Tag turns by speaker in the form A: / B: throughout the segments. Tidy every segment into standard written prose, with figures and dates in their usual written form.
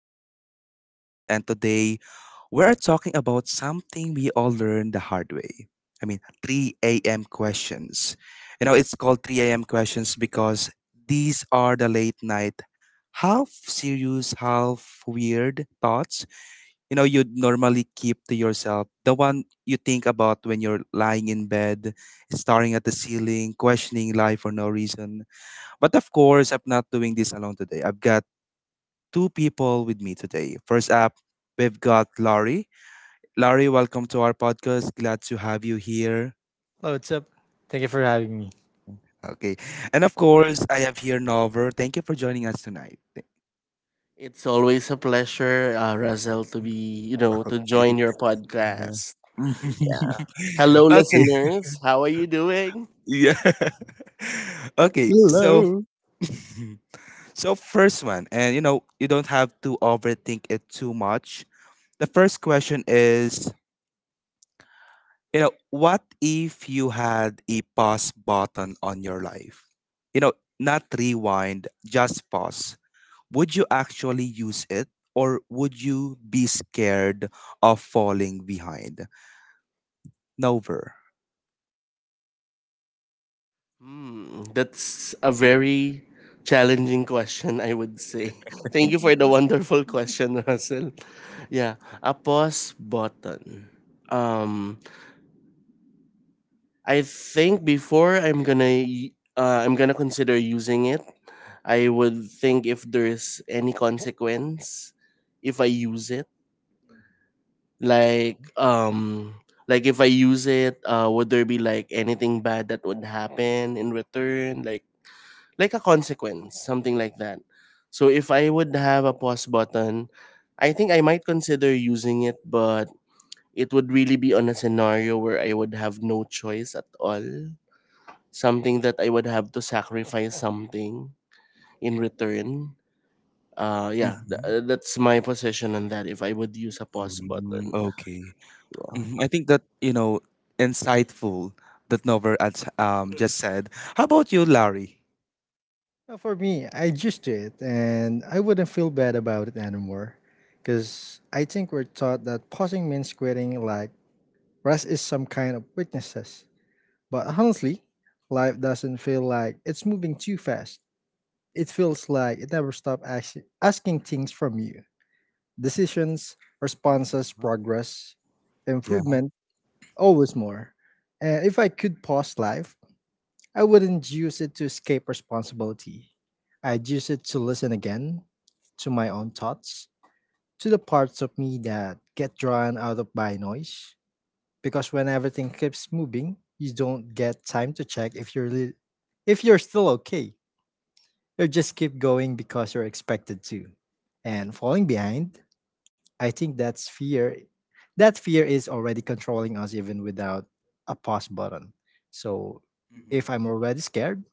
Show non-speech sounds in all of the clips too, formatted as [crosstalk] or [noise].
A: host, Razel, and today we're talking about something we all learned the hard way. I mean, 3 a.m. questions. You know, it's called 3 a.m. questions because these are the late night, half serious, half weird thoughts, you'd normally keep to yourself. The one you think about when you're lying in bed, staring at the ceiling, questioning life for no reason, but of course, I'm not doing this alone today. I've got two people with me today. First up, we've got Laurie. Laurie, welcome to our podcast. Glad to have you here.
B: Hello, what's up? Thank you for having me.
A: Okay. And of course, I have here Nover. Thank you for joining us tonight.
C: It's always a pleasure, Razel, to be, you know,
A: [laughs]
C: to
A: Okay.
C: join your
A: Yeah.
C: podcast. Yeah. Hello,
A: [laughs] Okay.
C: listeners. How are you doing?
A: Yeah. [laughs] Okay. So
B: Hello.
A: [laughs] so first one, and you don't have to overthink it too much. The first question is, what if you had a pause button on your life? You know, not rewind, just pause. Would you actually use it, or would you be scared of falling behind? Never.
C: That's a very challenging question, I would say. [laughs] Thank you for the wonderful question, [laughs] Russell. Yeah, a pause button. Um, I think before I'm gonna, y- I'm gonna consider using it. I would think if there's any consequence if I use it like um like if I use it would there be like anything bad that would happen in return like a consequence something like that. So if I would have a pause button I think I might consider using it, but it would really be on a scenario where I would have no choice at all, something that I would have to sacrifice something in return.
A: Mhm.
C: That's my position on that if I would use a pause
A: Mm, [laughs]
C: button.
A: okay. Mhm. I think that, you know, insightful that Nover adds, just said. How about you, Larry?
B: For me, I just do it, and I wouldn't feel bad about it anymore. Because I think we're taught that pausing means quitting, like rest is some kind of weaknesses. But honestly, life doesn't feel like it's moving too fast. It feels like it never stops asking things from you: decisions, responses,
A: Huh?
B: progress,
A: Yeah.
B: improvement, always more. And if I could pause life, I wouldn't use it to escape responsibility. I'd use it to listen again, to my own thoughts, to the parts of me that get drawn out of by noise. Because when everything keeps moving, you don't get time to check if you're still okay. You just keep going because you're expected to. And falling behind, I think that's fear. That fear is already controlling us even without a pause button. So if I'm already scared,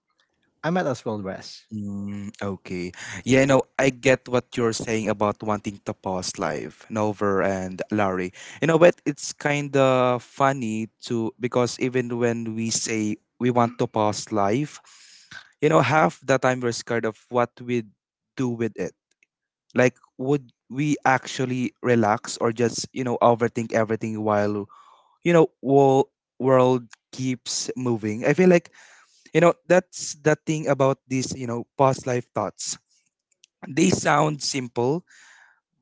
B: I might as well rest.
A: Mm, okay. Yeah, no, I get what you're saying about wanting to pause live, Nover and Larry. You know, but it's kind of funny to because even when we say we want to pause live, you know, half the time we're scared of what we do with it. Like, would we actually relax or just overthink everything while world world keeps moving? I feel like that's the thing about these past life thoughts, they sound simple,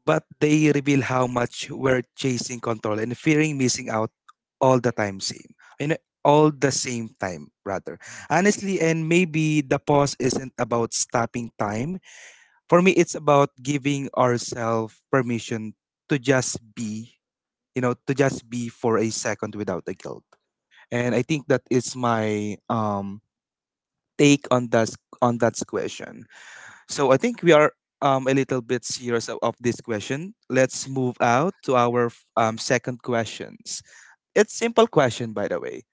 A: but they reveal how much we're chasing control and fearing missing out all the time same. You know, all the same time, rather. Honestly, and maybe the pause isn't about stopping time. For me, it's about giving ourselves permission to just be, to just be for a second without the guilt. And I think that is my take on that question. So I think we are a little bit serious of this question. Let's move out to our second questions. It's simple question, by the way.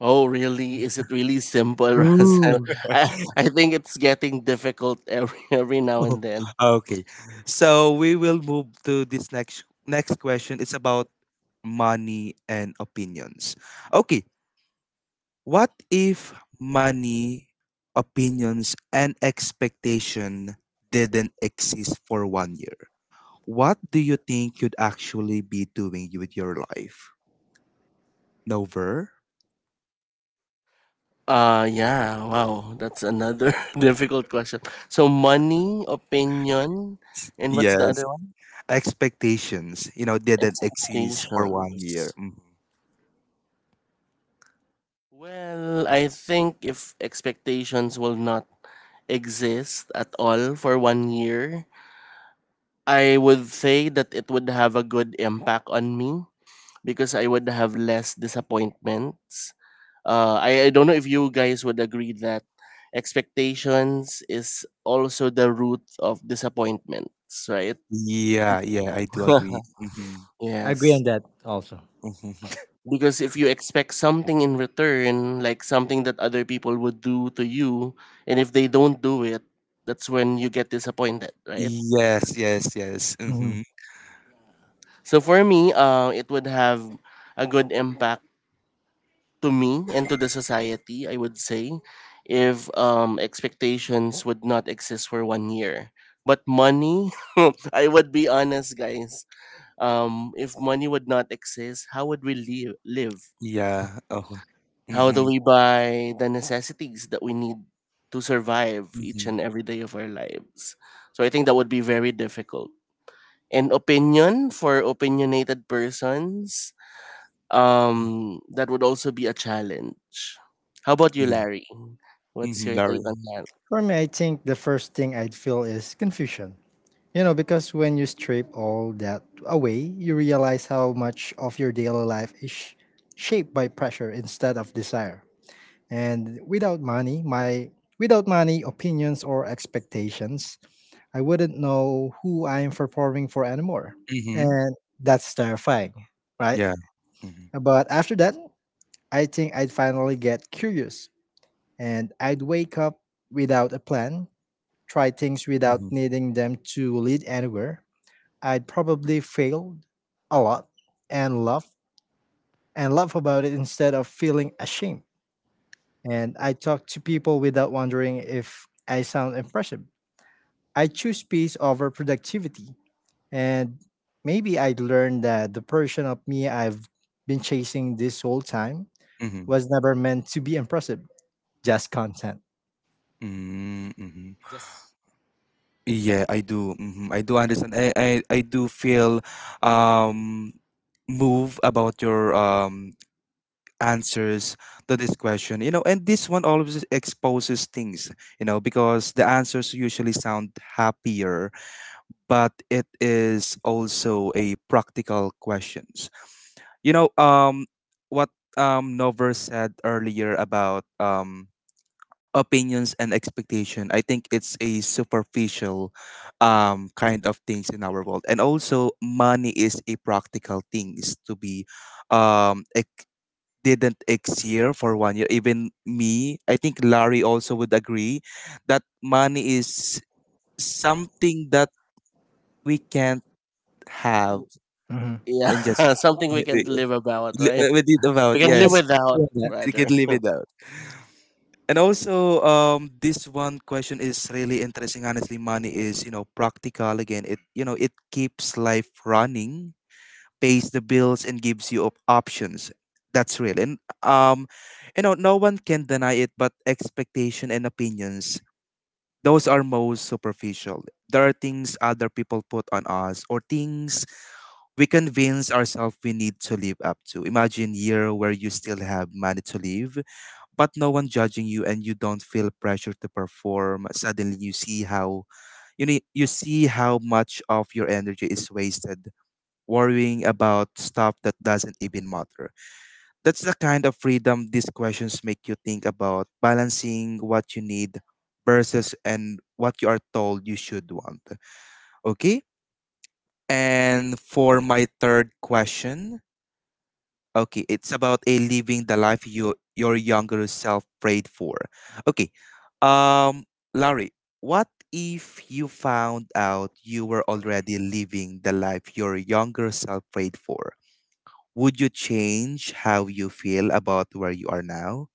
C: Oh, really? Is it really simple, [laughs] Russell?
B: Ooh.
C: I,
A: [laughs]
C: I think it's getting difficult every [laughs] every now and then.
A: Okay, so we will move to this next question. It's about money and opinions. Okay, what if money, opinions, and expectation didn't exist for 1 year? What do you think you'd actually be doing with your life? Over.
C: Yeah, wow. That's another [laughs] difficult question. So money, opinion, and what's the
A: Yes,
C: other one?
A: expectations, didn't exist for 1 year.
C: Expectations.
A: Mhm.
C: Well, I think if expectations will not exist at all for 1 year, I would say that it would have a good impact on me because I would have less disappointments. I don't know if you guys would agree that expectations is also the root of disappointments, right?
A: Yeah, yeah, I do agree.
C: [laughs]
A: Hmm.
B: I agree
C: Yes.
B: on that also.
A: Hmm.
C: Because if you expect something in return, like something that other people would do to you, and if they don't do it, that's when you get disappointed, right?
A: Yes, yes, yes. Hmm.
B: Mhm.
C: So for me, it would have a good impact to me and to the society, I would say, if expectations would not exist for 1 year. But money, [laughs] I would be honest, guys. If money would not exist, how would we live?
A: Yeah. Oh.
C: How do
A: Mm-hmm.
C: we buy the necessities that we need to survive each
A: Mm-hmm.
C: and every day of our lives? So I think that would be very difficult. And opinion for opinionated persons, that would also be a challenge. How about you,
A: Yeah.
C: Larry? What's
A: Mm-hmm.
C: your take
A: Larry.
C: on that?
B: For me, I think the first thing I'd feel is confusion. You know, because when you strip all that away, you realize how much of your daily life is shaped by pressure instead of desire. And without money, opinions or expectations, I wouldn't know who I'm performing for anymore.
A: Mm-hmm.
B: And that's terrifying, right?
A: Yeah. Mm-hmm.
B: But after that, I think I'd finally get curious and I'd wake up without a plan, try things
A: Mm-hmm.
B: without needing them to lead anywhere. I'd probably fail a lot and laugh and laugh about it instead of feeling ashamed. And I talk to people without wondering if I sound impressive. I choose peace over productivity. And maybe I'd learn that the version of me I've been chasing this whole time
A: Mm-hmm.
B: was never meant to be impressive, just content.
A: Mm-hmm.
B: Just.
A: Yeah, I do. Hmm. I do understand. I do feel um move about your answers to this question, and this one always exposes things, because the answers usually sound happier, but it is also a practical questions, you know um what Nover said earlier about opinions and expectation. I think it's a superficial kind of things in our world, and also money is a practical things to be um ex- didn't exist for 1 year. Even me, I think Larry also would agree that money is something that we can't have
B: Mhm.
C: Yeah,
A: and just
C: [laughs] something we can live about,
A: [laughs]
C: right?
A: with it
C: We
A: about.
C: can live
A: Yes,
C: without,
B: Yeah.
A: we can
C: rather.
A: live
C: [laughs]
A: it out. And also, this one question is really interesting. Honestly, money is practical again. It, it keeps life running, pays the bills and gives you options. That's real. And you know, no one can deny it, but expectation and opinions, those are most superficial. There are things other people put on us, or things we convince ourselves we need to live up to. Imagine year where you still have money to live, but no one judging you and you don't feel pressure to perform. Suddenly you see how you need, you see how much of your energy is wasted worrying about stuff that doesn't even matter. That's the kind of freedom these questions make you think about, balancing what you need versus and what you are told you should want. Okay? And for my third question, okay, it's about a living the life you your younger self prayed for. Okay. Um Larry, what if you found out you were already living the life your younger self prayed for? Would you change how you feel about where you are now?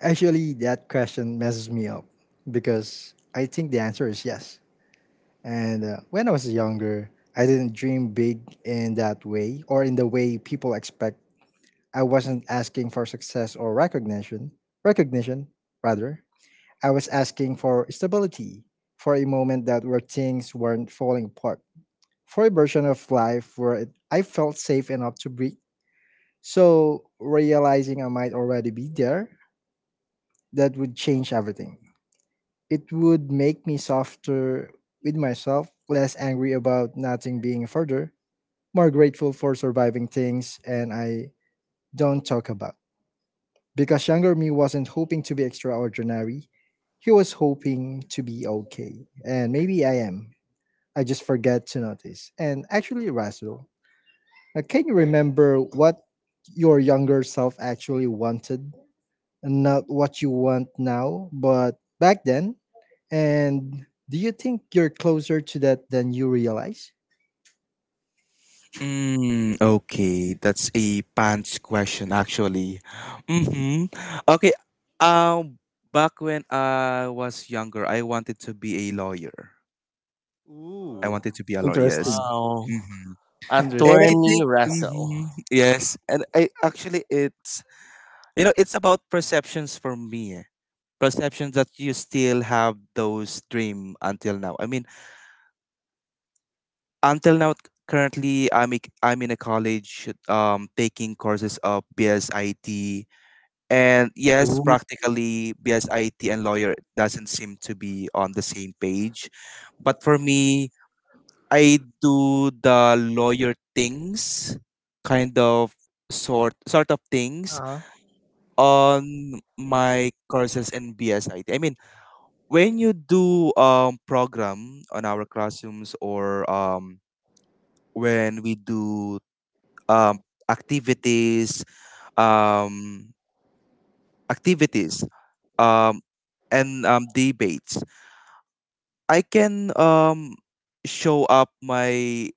B: Actually, that question messes me up because I think the answer is yes. And when I was younger, I didn't dream big in that way or in the way people expect. I wasn't asking for success or recognition rather. I was asking for stability, for a moment that where things weren't falling apart, for a version of life I felt safe enough to breathe. So, realizing I might already be there, that would change everything. It would make me softer with myself, less angry about nothing being further, more grateful for surviving things and I don't talk about. Because younger me wasn't hoping to be extraordinary. He was hoping to be okay. And maybe I am. I just forget to notice. And actually, Rasul, can you remember what your younger self actually wanted? And not what you want now, but back then. And do you think you're closer to that than you realize?
A: Mm, okay, that's a pants question actually. Mm-hmm. Okay, um, back when I was younger, I wanted to be a lawyer. I
B: Ooh,
A: wanted to be a lawyer. Yes.
C: Wow.
A: Mm-hmm. And I
B: interesting.
A: think,
C: Attorney
A: mm-hmm,
C: Russell.
A: yes, and I actually it's it's about perceptions for me, eh. Perceptions that you still have those dream until now. I mean, until now currently I'm in a college taking courses of bsit, and yes practically bsit and lawyer doesn't seem to be on the same page, but for me I do the lawyer things, kind of sort of things
B: Uh-huh.
A: on my courses in bsit I T. I mean when you do program on our classrooms or when we do um, activities, um, activities, um, and debates. I can show up my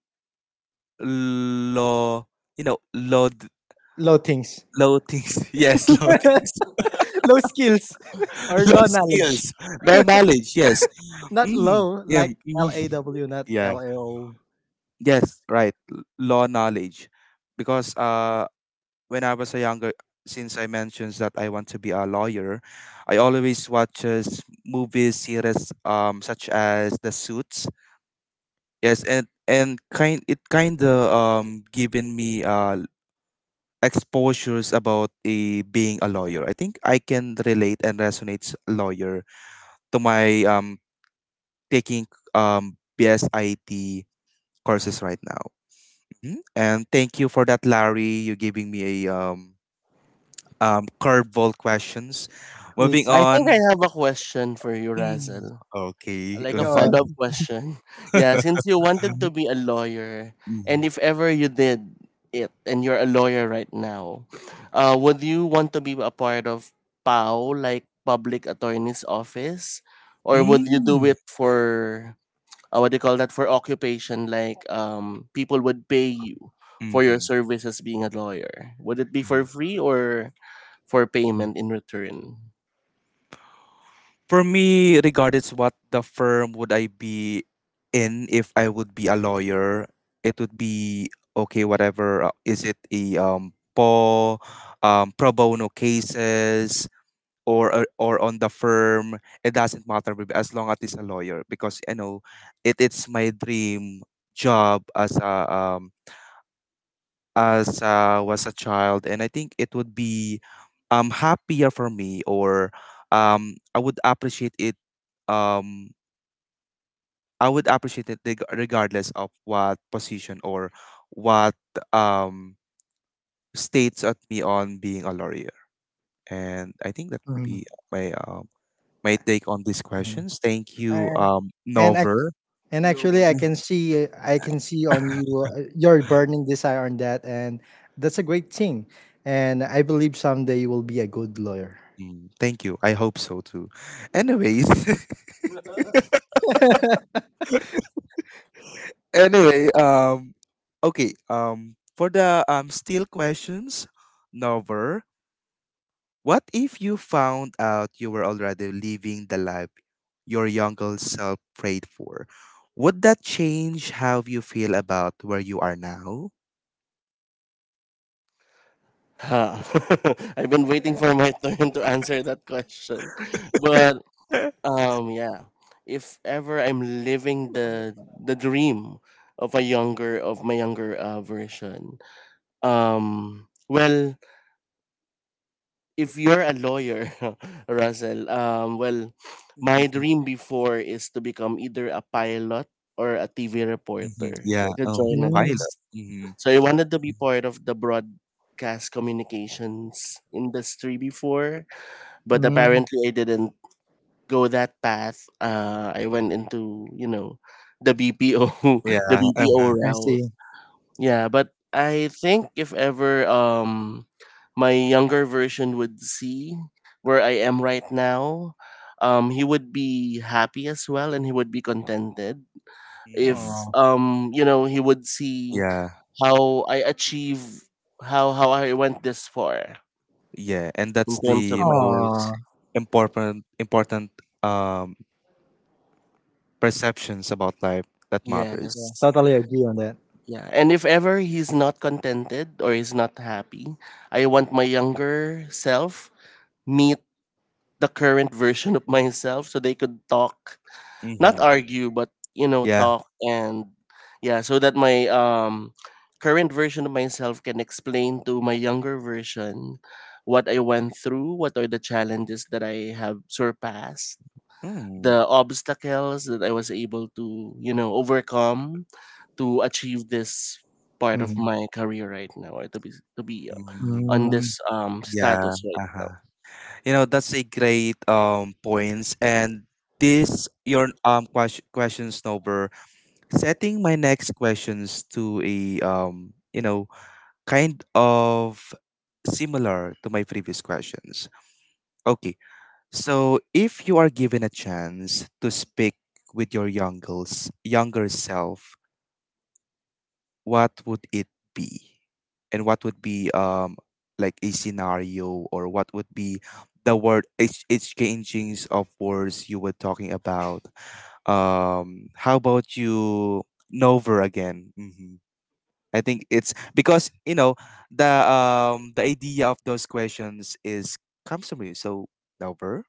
A: low, low,
B: Low things,
A: low things. [laughs] Yes, low
B: [laughs]
A: things,
B: low skills, [laughs]
A: [laughs]
B: or
A: low
B: low knowledge.
A: skills, low knowledge. Yes.
B: Not
A: Hmm.
B: low,
A: Yeah.
B: like L A
A: Mhm.
B: W, not
A: Yeah.
B: L A O
A: Yes. Right. Low knowledge, because when I was a younger, since I mentioned that I want to be a lawyer, I always watches movies, series, such as The Suits. Yes, and kind it kind of given me exposures about a, being a lawyer. I think I can relate and resonate lawyer to my taking BSIT courses right now. Mhm. And thank you for that, Larry. You giving me a curveball questions.
B: E
A: Moving
B: T.
C: I think I
A: on.
C: have a question for you,
A: Mm,
C: Russell.
A: okay.
C: Like a
B: Go ahead.
C: follow-up
A: Mhm.
C: question. [laughs] Yeah, since
A: [laughs]
C: you wanted to be a lawyer, and
A: Mm,
C: if ever you did it, and you're a lawyer right now, would you want to be a part of PAO, like Public Attorney's Office, or would you do
A: mm,
C: it for what do you call that for occupation? Like people would pay you for your
A: mhm,
C: services being a lawyer. Would it be for
A: mhm,
C: free or for
A: mhm.
C: payment in return?
A: For me, regardless what the firm would I be in, if I would be a lawyer, it would be okay. Whatever is it a pro bono cases, or on the firm, it doesn't matter babe, as long as it's a lawyer because you know it it's my dream job as a was a child, and I think it would be happier for me, or I would appreciate it, um I would appreciate it, regardless of what position or what um states at me on being a lawyer, and I think that would
B: Mhm.
A: be my my take on these questions. Thank you,
B: and and ac-
A: Nover.
B: and
C: You're
B: actually, I
C: welcome.
B: can see, I can see on you, your burning desire on that, and that's a great thing, and I believe someday you will be a good lawyer.
A: Mhm. Thank you. I hope so too. Anyways, [laughs]
B: [laughs]
A: anyway, okay, for the still questions, Nover, what if you found out you were already living the life your younger self prayed for? Would that change how you feel about where you are now?
C: Huh. [laughs] I've been waiting for my turn to answer that question. But
A: [laughs]
C: yeah, if ever I'm living the dream of a younger of my younger version. Well, if you're a lawyer, [laughs] Russell, well, my
A: Mhm,
C: dream before is to become either a pilot or a TV
A: mhm,
C: reporter,
A: yeah.
C: like a
A: Oh,
B: Mm,
A: pilot.
C: journalist.
A: Hmm.
C: So I wanted to be part of the broadcast communications industry before, but
B: mm,
C: apparently I didn't go that path. I went into the BPO
A: Yeah.
C: [laughs] the BPO
A: Uh-huh.
B: I
C: route.
B: see.
C: Yeah, but I think if ever my younger version would see where I am right now, he would be happy as well and he would be contented if
A: Mm-hmm.
B: Oh,
C: you know he would see
A: Yeah,
C: how I achieve how I went this far
A: yeah, and
C: in
A: that's
C: terms of
A: the
C: my career.
A: most
B: oh,
A: important um perceptions about life that matters.
B: yeah,
C: Yes.
B: totally agree on that.
C: Yeah, and if ever he's not contented or he's not happy, I want my younger self meet the current version of myself so they could talk, not
A: Mm-hmm.
C: argue, but you know,
A: Yeah.
C: talk. And yeah, so that my current version of myself can explain to my younger version what I went through, what are the challenges that I have surpassed,
A: Mm.
C: the obstacles that I was able to, you know, overcome to achieve this part of
B: Mhm.
C: my career right now, or to be to be
A: Mm.
C: on
B: Mm,
C: this
A: Yeah.
C: status right now.
A: Uh-huh. You know, that's a great points, and this your question snowber, setting my next questions to a you know kind of similar to my previous questions. Okay. So, if you are given a chance to speak with your younger self, what would it be? And what would be like a scenario, or what would be the word exchangings of words you were talking about? How about you Nova again? Hmm. I think it's because you know the idea of those questions is comes from you. So Nova.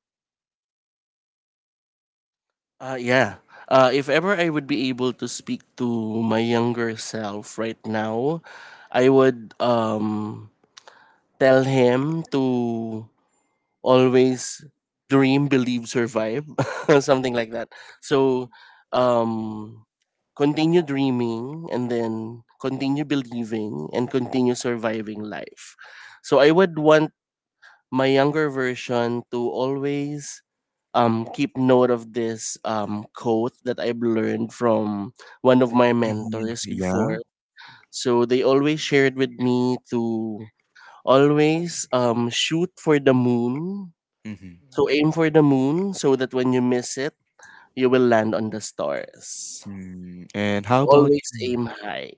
C: Yeah. If ever I would be able to speak to my younger self right now, I would tell him to always dream, believe, survive, [laughs] something like that. So, um, continue dreaming and then continue believing and continue surviving life. So, I would want my younger version to always keep note of this quote that I've learned from one of my
A: Mhm.
C: mentors before.
A: Yeah.
C: So, they always shared with me to always shoot for the moon, so aim for the moon so that when you miss it, you will land on the stars.
A: Mm, and how
C: So,
A: about
C: always aim high.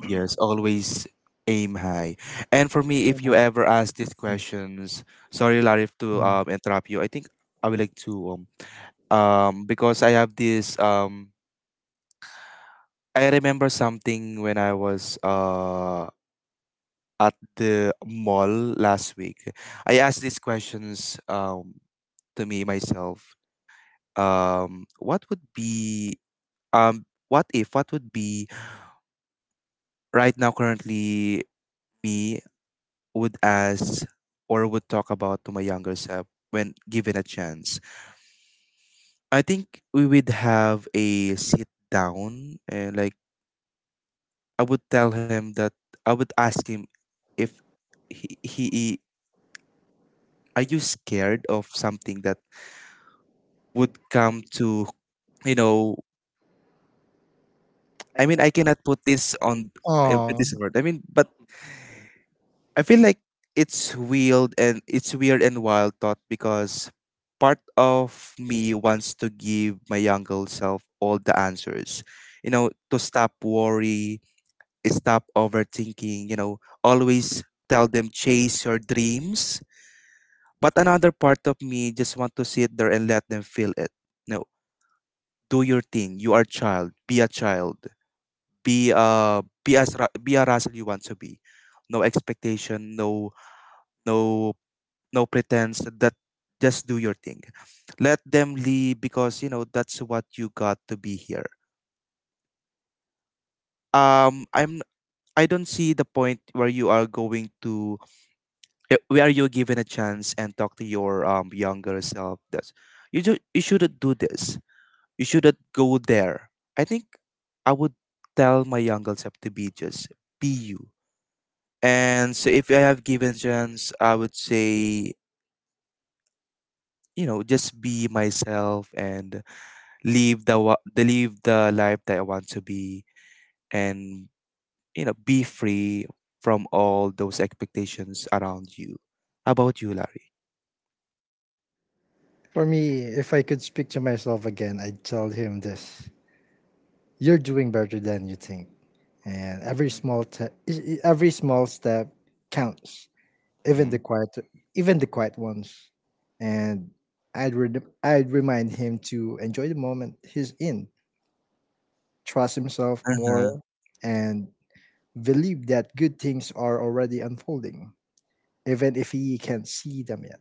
A: yes, always aim high. And for me, if you ever ask these questions, sorry, Larry, to
B: mm.
A: interrupt you. I think I would like to because I have this I remember something when I was at the mall last week. I asked these questions to me myself. What would be what if what would be right now currently me would ask, or would talk about to my younger self when given a chance. I think we would have a sit down, and like I would tell him that I would ask him if he are you scared of something that would come to you know. I mean I cannot put this on put
B: Oh,
A: this word, I mean, but I feel like it's weird, and it's weird and wild thought, because part of me wants to give my younger self all the answers. You know, to stop worry, stop overthinking, you know, always tell them chase your dreams. But another part of me just want to sit there and let them feel it. No, do your thing. You are a child. Be a child. Be a be a Russell you want to be. No expectation, no no no pretense that just do your thing, let them leave because you know that's what you got to be here. um i'm I don't see the point where you are going to where you're given a chance and talk to your younger self that's you shouldn't do this, you shouldn't go there. I think I would tell my younger self to be just be you. And so if I have given chance, I would say, you know, just be myself and the live the life that I want to be, and you know, be free from all those expectations around you. How about you, Larry?
B: for me, if I could speak to myself again, I'd tell him this: you're doing better than you think, and every small te- e- e- every small step counts, even
A: Hmm.
B: the quiet, even the quiet ones. And I'd remind him to enjoy the moment he's in, trust himself
A: Uh-huh.
B: more, and believe that good things are already unfolding, even if he can't see them yet.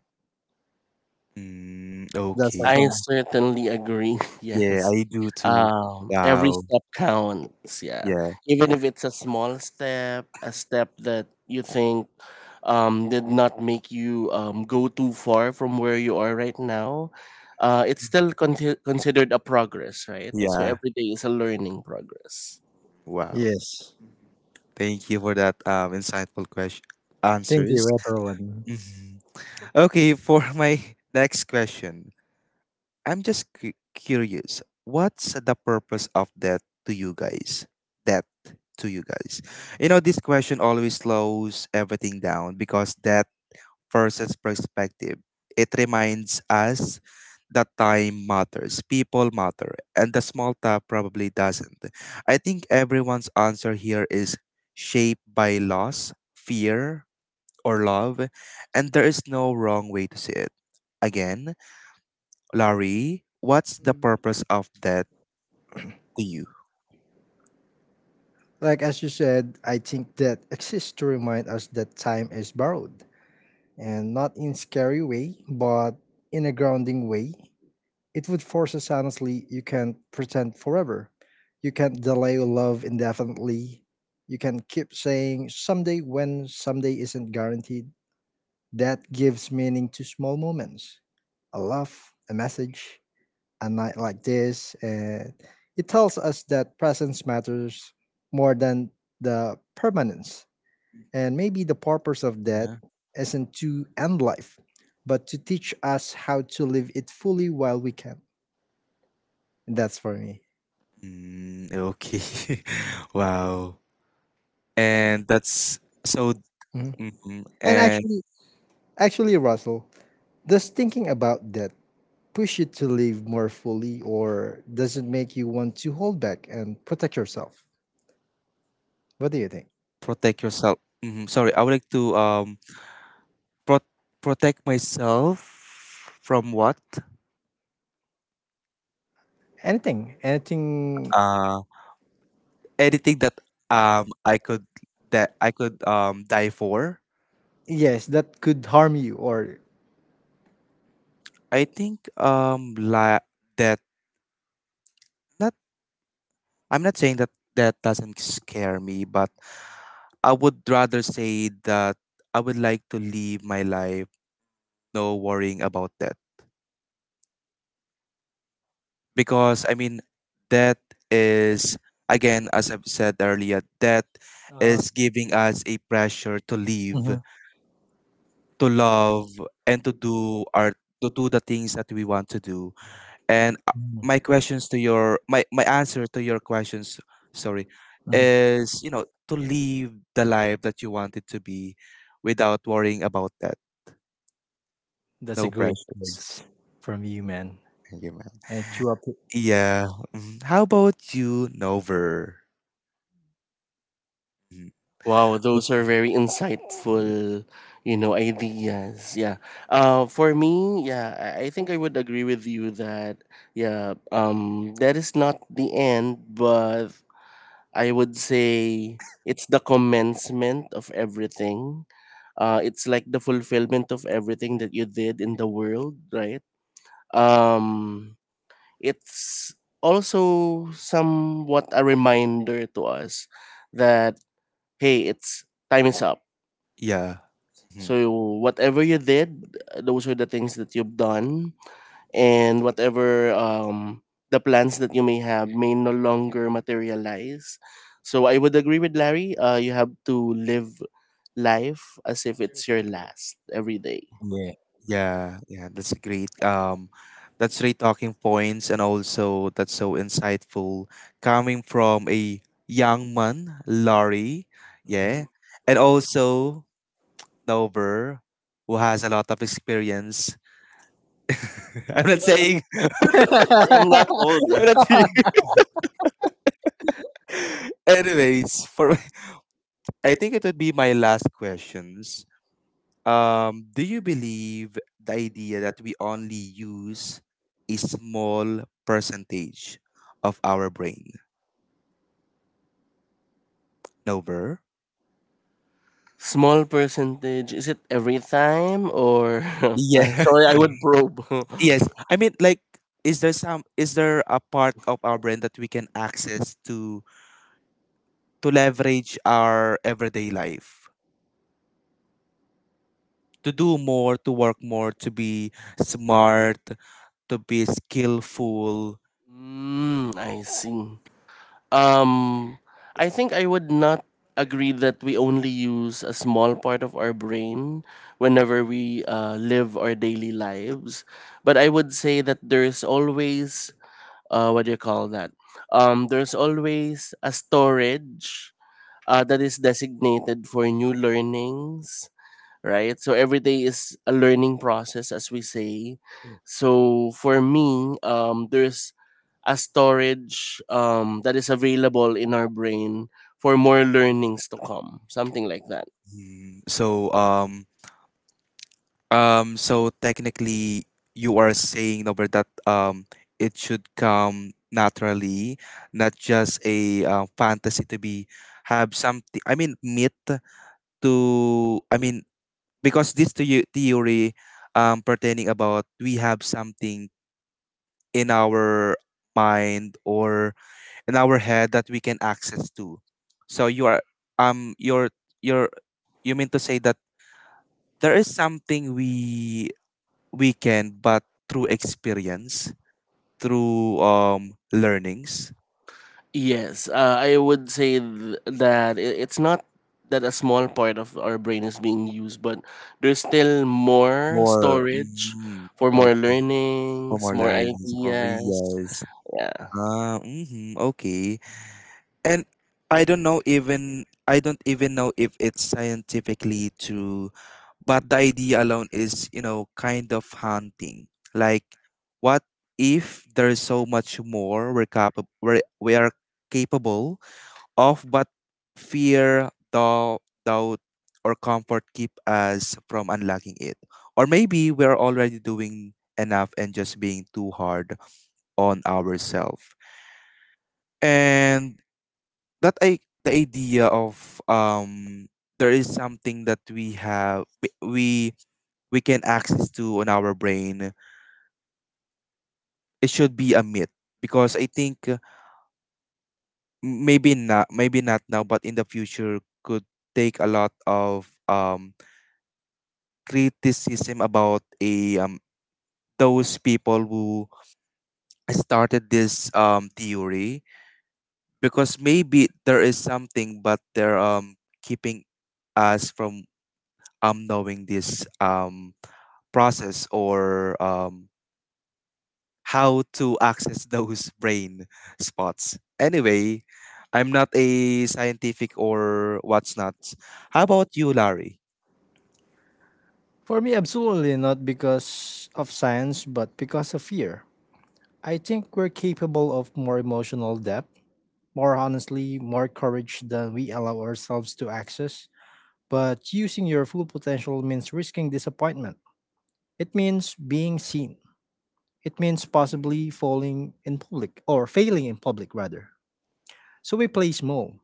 A: Mm,
B: That's all
A: okay.
B: for
C: I
B: me.
C: certainly agree. [laughs]
A: Yeah,
C: Yes.
A: I do too.
C: Every
A: Wow.
C: step counts. Yeah.
A: Yeah.
C: Even if it's a small step, a step that you think did not make you go too far from where you are right now, it's still considered a progress, right? So
A: Yeah.
C: every day is a learning progress.
A: Wow.
B: Yes,
A: Thank you for that insightful question,
B: thank you
A: answers.
B: everyone.
A: Hmm. Okay, for my [laughs] next question. I'm just curious. What's the purpose of that to you guys? That to you guys. You know, this question always slows everything down because that person's perspective. It reminds us that time matters, people matter, and the small talk probably doesn't. I think everyone's answer here is shaped by loss, fear, or love, and there is no wrong way to see it. Again, Laurie, what's the purpose of that to you?
B: Like as you said, I think that exists to remind us that time is borrowed, and not in scary way, but in a grounding way. It would force us honestly, you can't pretend forever. You can't delay love indefinitely. You can keep saying someday when someday isn't guaranteed. That gives meaning to small moments. A laugh, a message, a night like this, and it tells us that presence matters more than the permanence. And maybe the purpose of that
A: Uh-huh.
B: isn't to end life, but to teach us how to live it fully while we can. That's for me.
A: Mm, okay. [laughs] Wow.
B: And.
A: And that's so.
B: Mhm.
A: Mhm.
B: and
A: And
B: actually, Actually, Russell, does thinking about that push you to live more fully, or does it make you want to hold back and protect yourself? What do you think?
A: protect yourself. Hmm. Sorry, I would like to pro- protect myself from what?
B: Anything,
A: Uh, anything that I could, that I could die for.
B: yes, that could harm you, or
A: I think that not. I'm not saying that that doesn't scare me, but I would rather say that I would like to live my life no worrying about death. Because I mean, death is, again, as I've said earlier, death
B: uh,
A: is giving us a pressure to live,
B: mhm,
A: to love, and to do the things that we want to do. And my
B: mhm,
A: questions to your my answer to your questions, sorry,
B: mhm.
A: is, you know, to live the life that you want it to be without worrying about that.
B: That's a
A: No
B: great
A: pressures.
B: words from you, man.
A: Thank you, man.
B: And true up.
A: Yeah. Mhm. How about you, Nover? Mhm.
C: Wow,
A: Okay.
C: those are very insightful, you know, ideas. Yeah. For me, yeah, I think I would agree with you that, yeah, that is not the end, but I would say it's the commencement of everything. It's like the fulfillment of everything that you did in the world, right? Um, it's also somewhat a reminder to us that, hey, it's time is up.
A: Yeah. Mhm.
C: So whatever you did, those are the things that you've done, and whatever the plans that you may have may no longer materialize. So I would agree with Larry. You have to live life as if it's your last every day.
A: Yeah, yeah, that's a great that's great talking points, and also that's so insightful coming from a young man, Laurie, yeah, and also Nover, who has a lot of experience. [laughs] I'm not saying [laughs]
C: I'm not
B: [laughs]
C: old.
A: I'm not saying [laughs] anyways, for [laughs] I think it would be my last questions. Do you believe the idea that we only use a small percentage of our brain? Nover?
C: Small percentage. Is it every time or? [laughs]
A: Yeah.
C: Sorry, I would probe.
A: [laughs] Yes.
C: [laughs]
A: I mean, like, is there some, is there a part of our brain that we can access to leverage our everyday life? To do more, to work more, to be smart, to be skillful.
C: I see. Um, I think I would not agree that we only use a small part of our brain whenever we live our daily lives. But I would say that there's always, what do you call that? There's always a storage that is designated for new learnings, right? So every day is a learning process, as we say. So for me, there's a storage that is available in our brain for more learnings to come, something like that.
A: Mhm. So technically, you are saying over that it should come naturally, not just a fantasy to be have something. I mean, myth to. I mean, because this to you theory pertaining about we have something in our mind or in our head that we can access to. So you are um you're you're you mean to say that there is something we can, but through experience, through learnings.
C: Yes, I would say it's not that a small part of our brain is being used, but there's still more
A: More,
C: storage
A: mm,
C: for more
A: okay, for more
C: learnings, more
A: learnings, for
C: ideas.
A: reals.
C: Yeah,
A: Ah, mm-hmm, okay. And I don't know, even I don't even know if it's scientifically true, but the idea alone is, you know, kind of haunting. Like, what if there's so much more we're capable, we are capable of, but fear, doubt, or comfort keep us from unlocking it. Or maybe we're already doing enough and just being too hard on ourselves. And that I the idea of there is something that we have we can access to on our brain. It should be a myth because I think maybe not now but in the future could take a lot of criticism about a those people who started this theory because maybe there is something but they're keeping us from knowing this process or how to access [laughs] those brain spots anyway. I'm not a scientific or what's not. How about you, Larry?
B: For me, absolutely not because of science, but because of fear. I think we're capable of more emotional depth, more honestly, more courage than we allow ourselves to access. But using your full potential means risking disappointment. It means being seen. It means possibly falling in public, or failing in public rather. So we play small.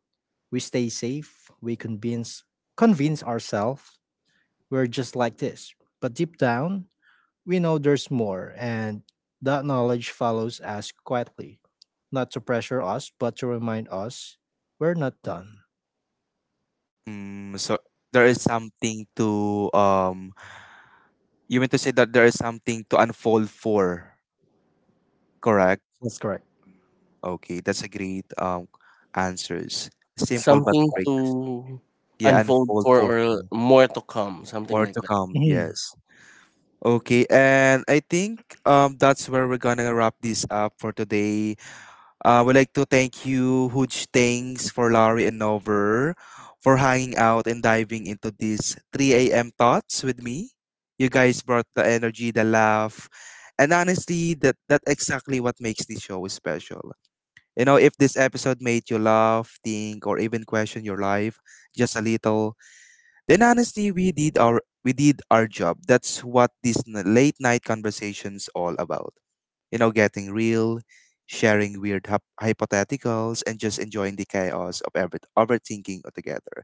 B: We stay safe. We convince ourselves we're just like this. But deep down, we know there's more, and that knowledge follows us quietly, not to pressure us, but to remind us we're not done.
A: Mm, so there is something to you mean to say that there is something to unfold for, correct?
B: That's correct.
A: Okay, that's a great answers. Simple but
C: something
A: great.
C: to
A: Yeah,
C: unfold
A: unfold
C: for
A: for
C: or more to come, something
A: more
C: like
A: to
C: that.
A: come.
B: Mhm.
A: Yes. Okay, and I think that's where we're gonna wrap this up for today. I would like to thank you. Huge thanks for Laurie and Nover for hanging out and diving into these 3 a.m. thoughts with me. You guys brought the energy, the laugh, and honestly, that's exactly what makes this show special. You know, if this episode made you laugh, think, or even question your life just a little, then honestly, we did our job. That's what these late night conversations all about. You know, getting real, sharing weird hypotheticals, and just enjoying the chaos of ever overthinking altogether.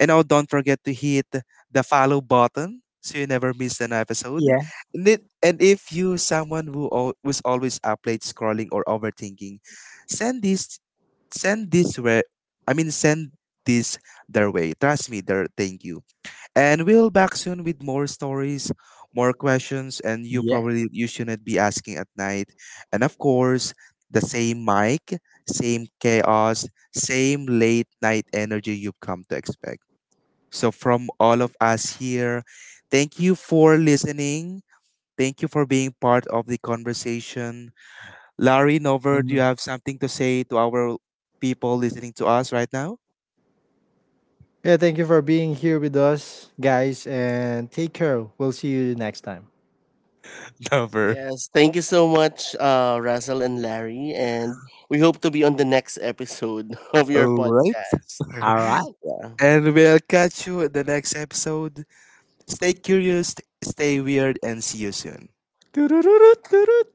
A: And now, don't forget to hit the follow button so you never miss an episode.
B: Yeah.
A: And if you someone who's always up late scrolling or overthinking, send this send this where I mean send this their way. Trust me, their thank you. And we'll back soon with more stories, more questions, and
B: Yeah.
A: you shouldn't be asking at night. And of course, the same mic, same chaos, same late night energy you've come to expect. So from all of us here, thank you for listening. Thank you for being part of the conversation. Larry, Nover, do you
B: Mhm.
A: have something to say to our people listening to us right now?
B: Yeah, thank you for being here with us, guys, and take care. We'll see you next time.
A: [laughs] Nover.
C: Yes, thank you so much, Russell and Larry, and we hope to be on the next episode [laughs] of your
A: All right.
C: podcast.
B: All right.
C: Yeah.
A: And we'll catch you in the next episode. Stay curious, stay weird, and see you soon.
B: [laughs]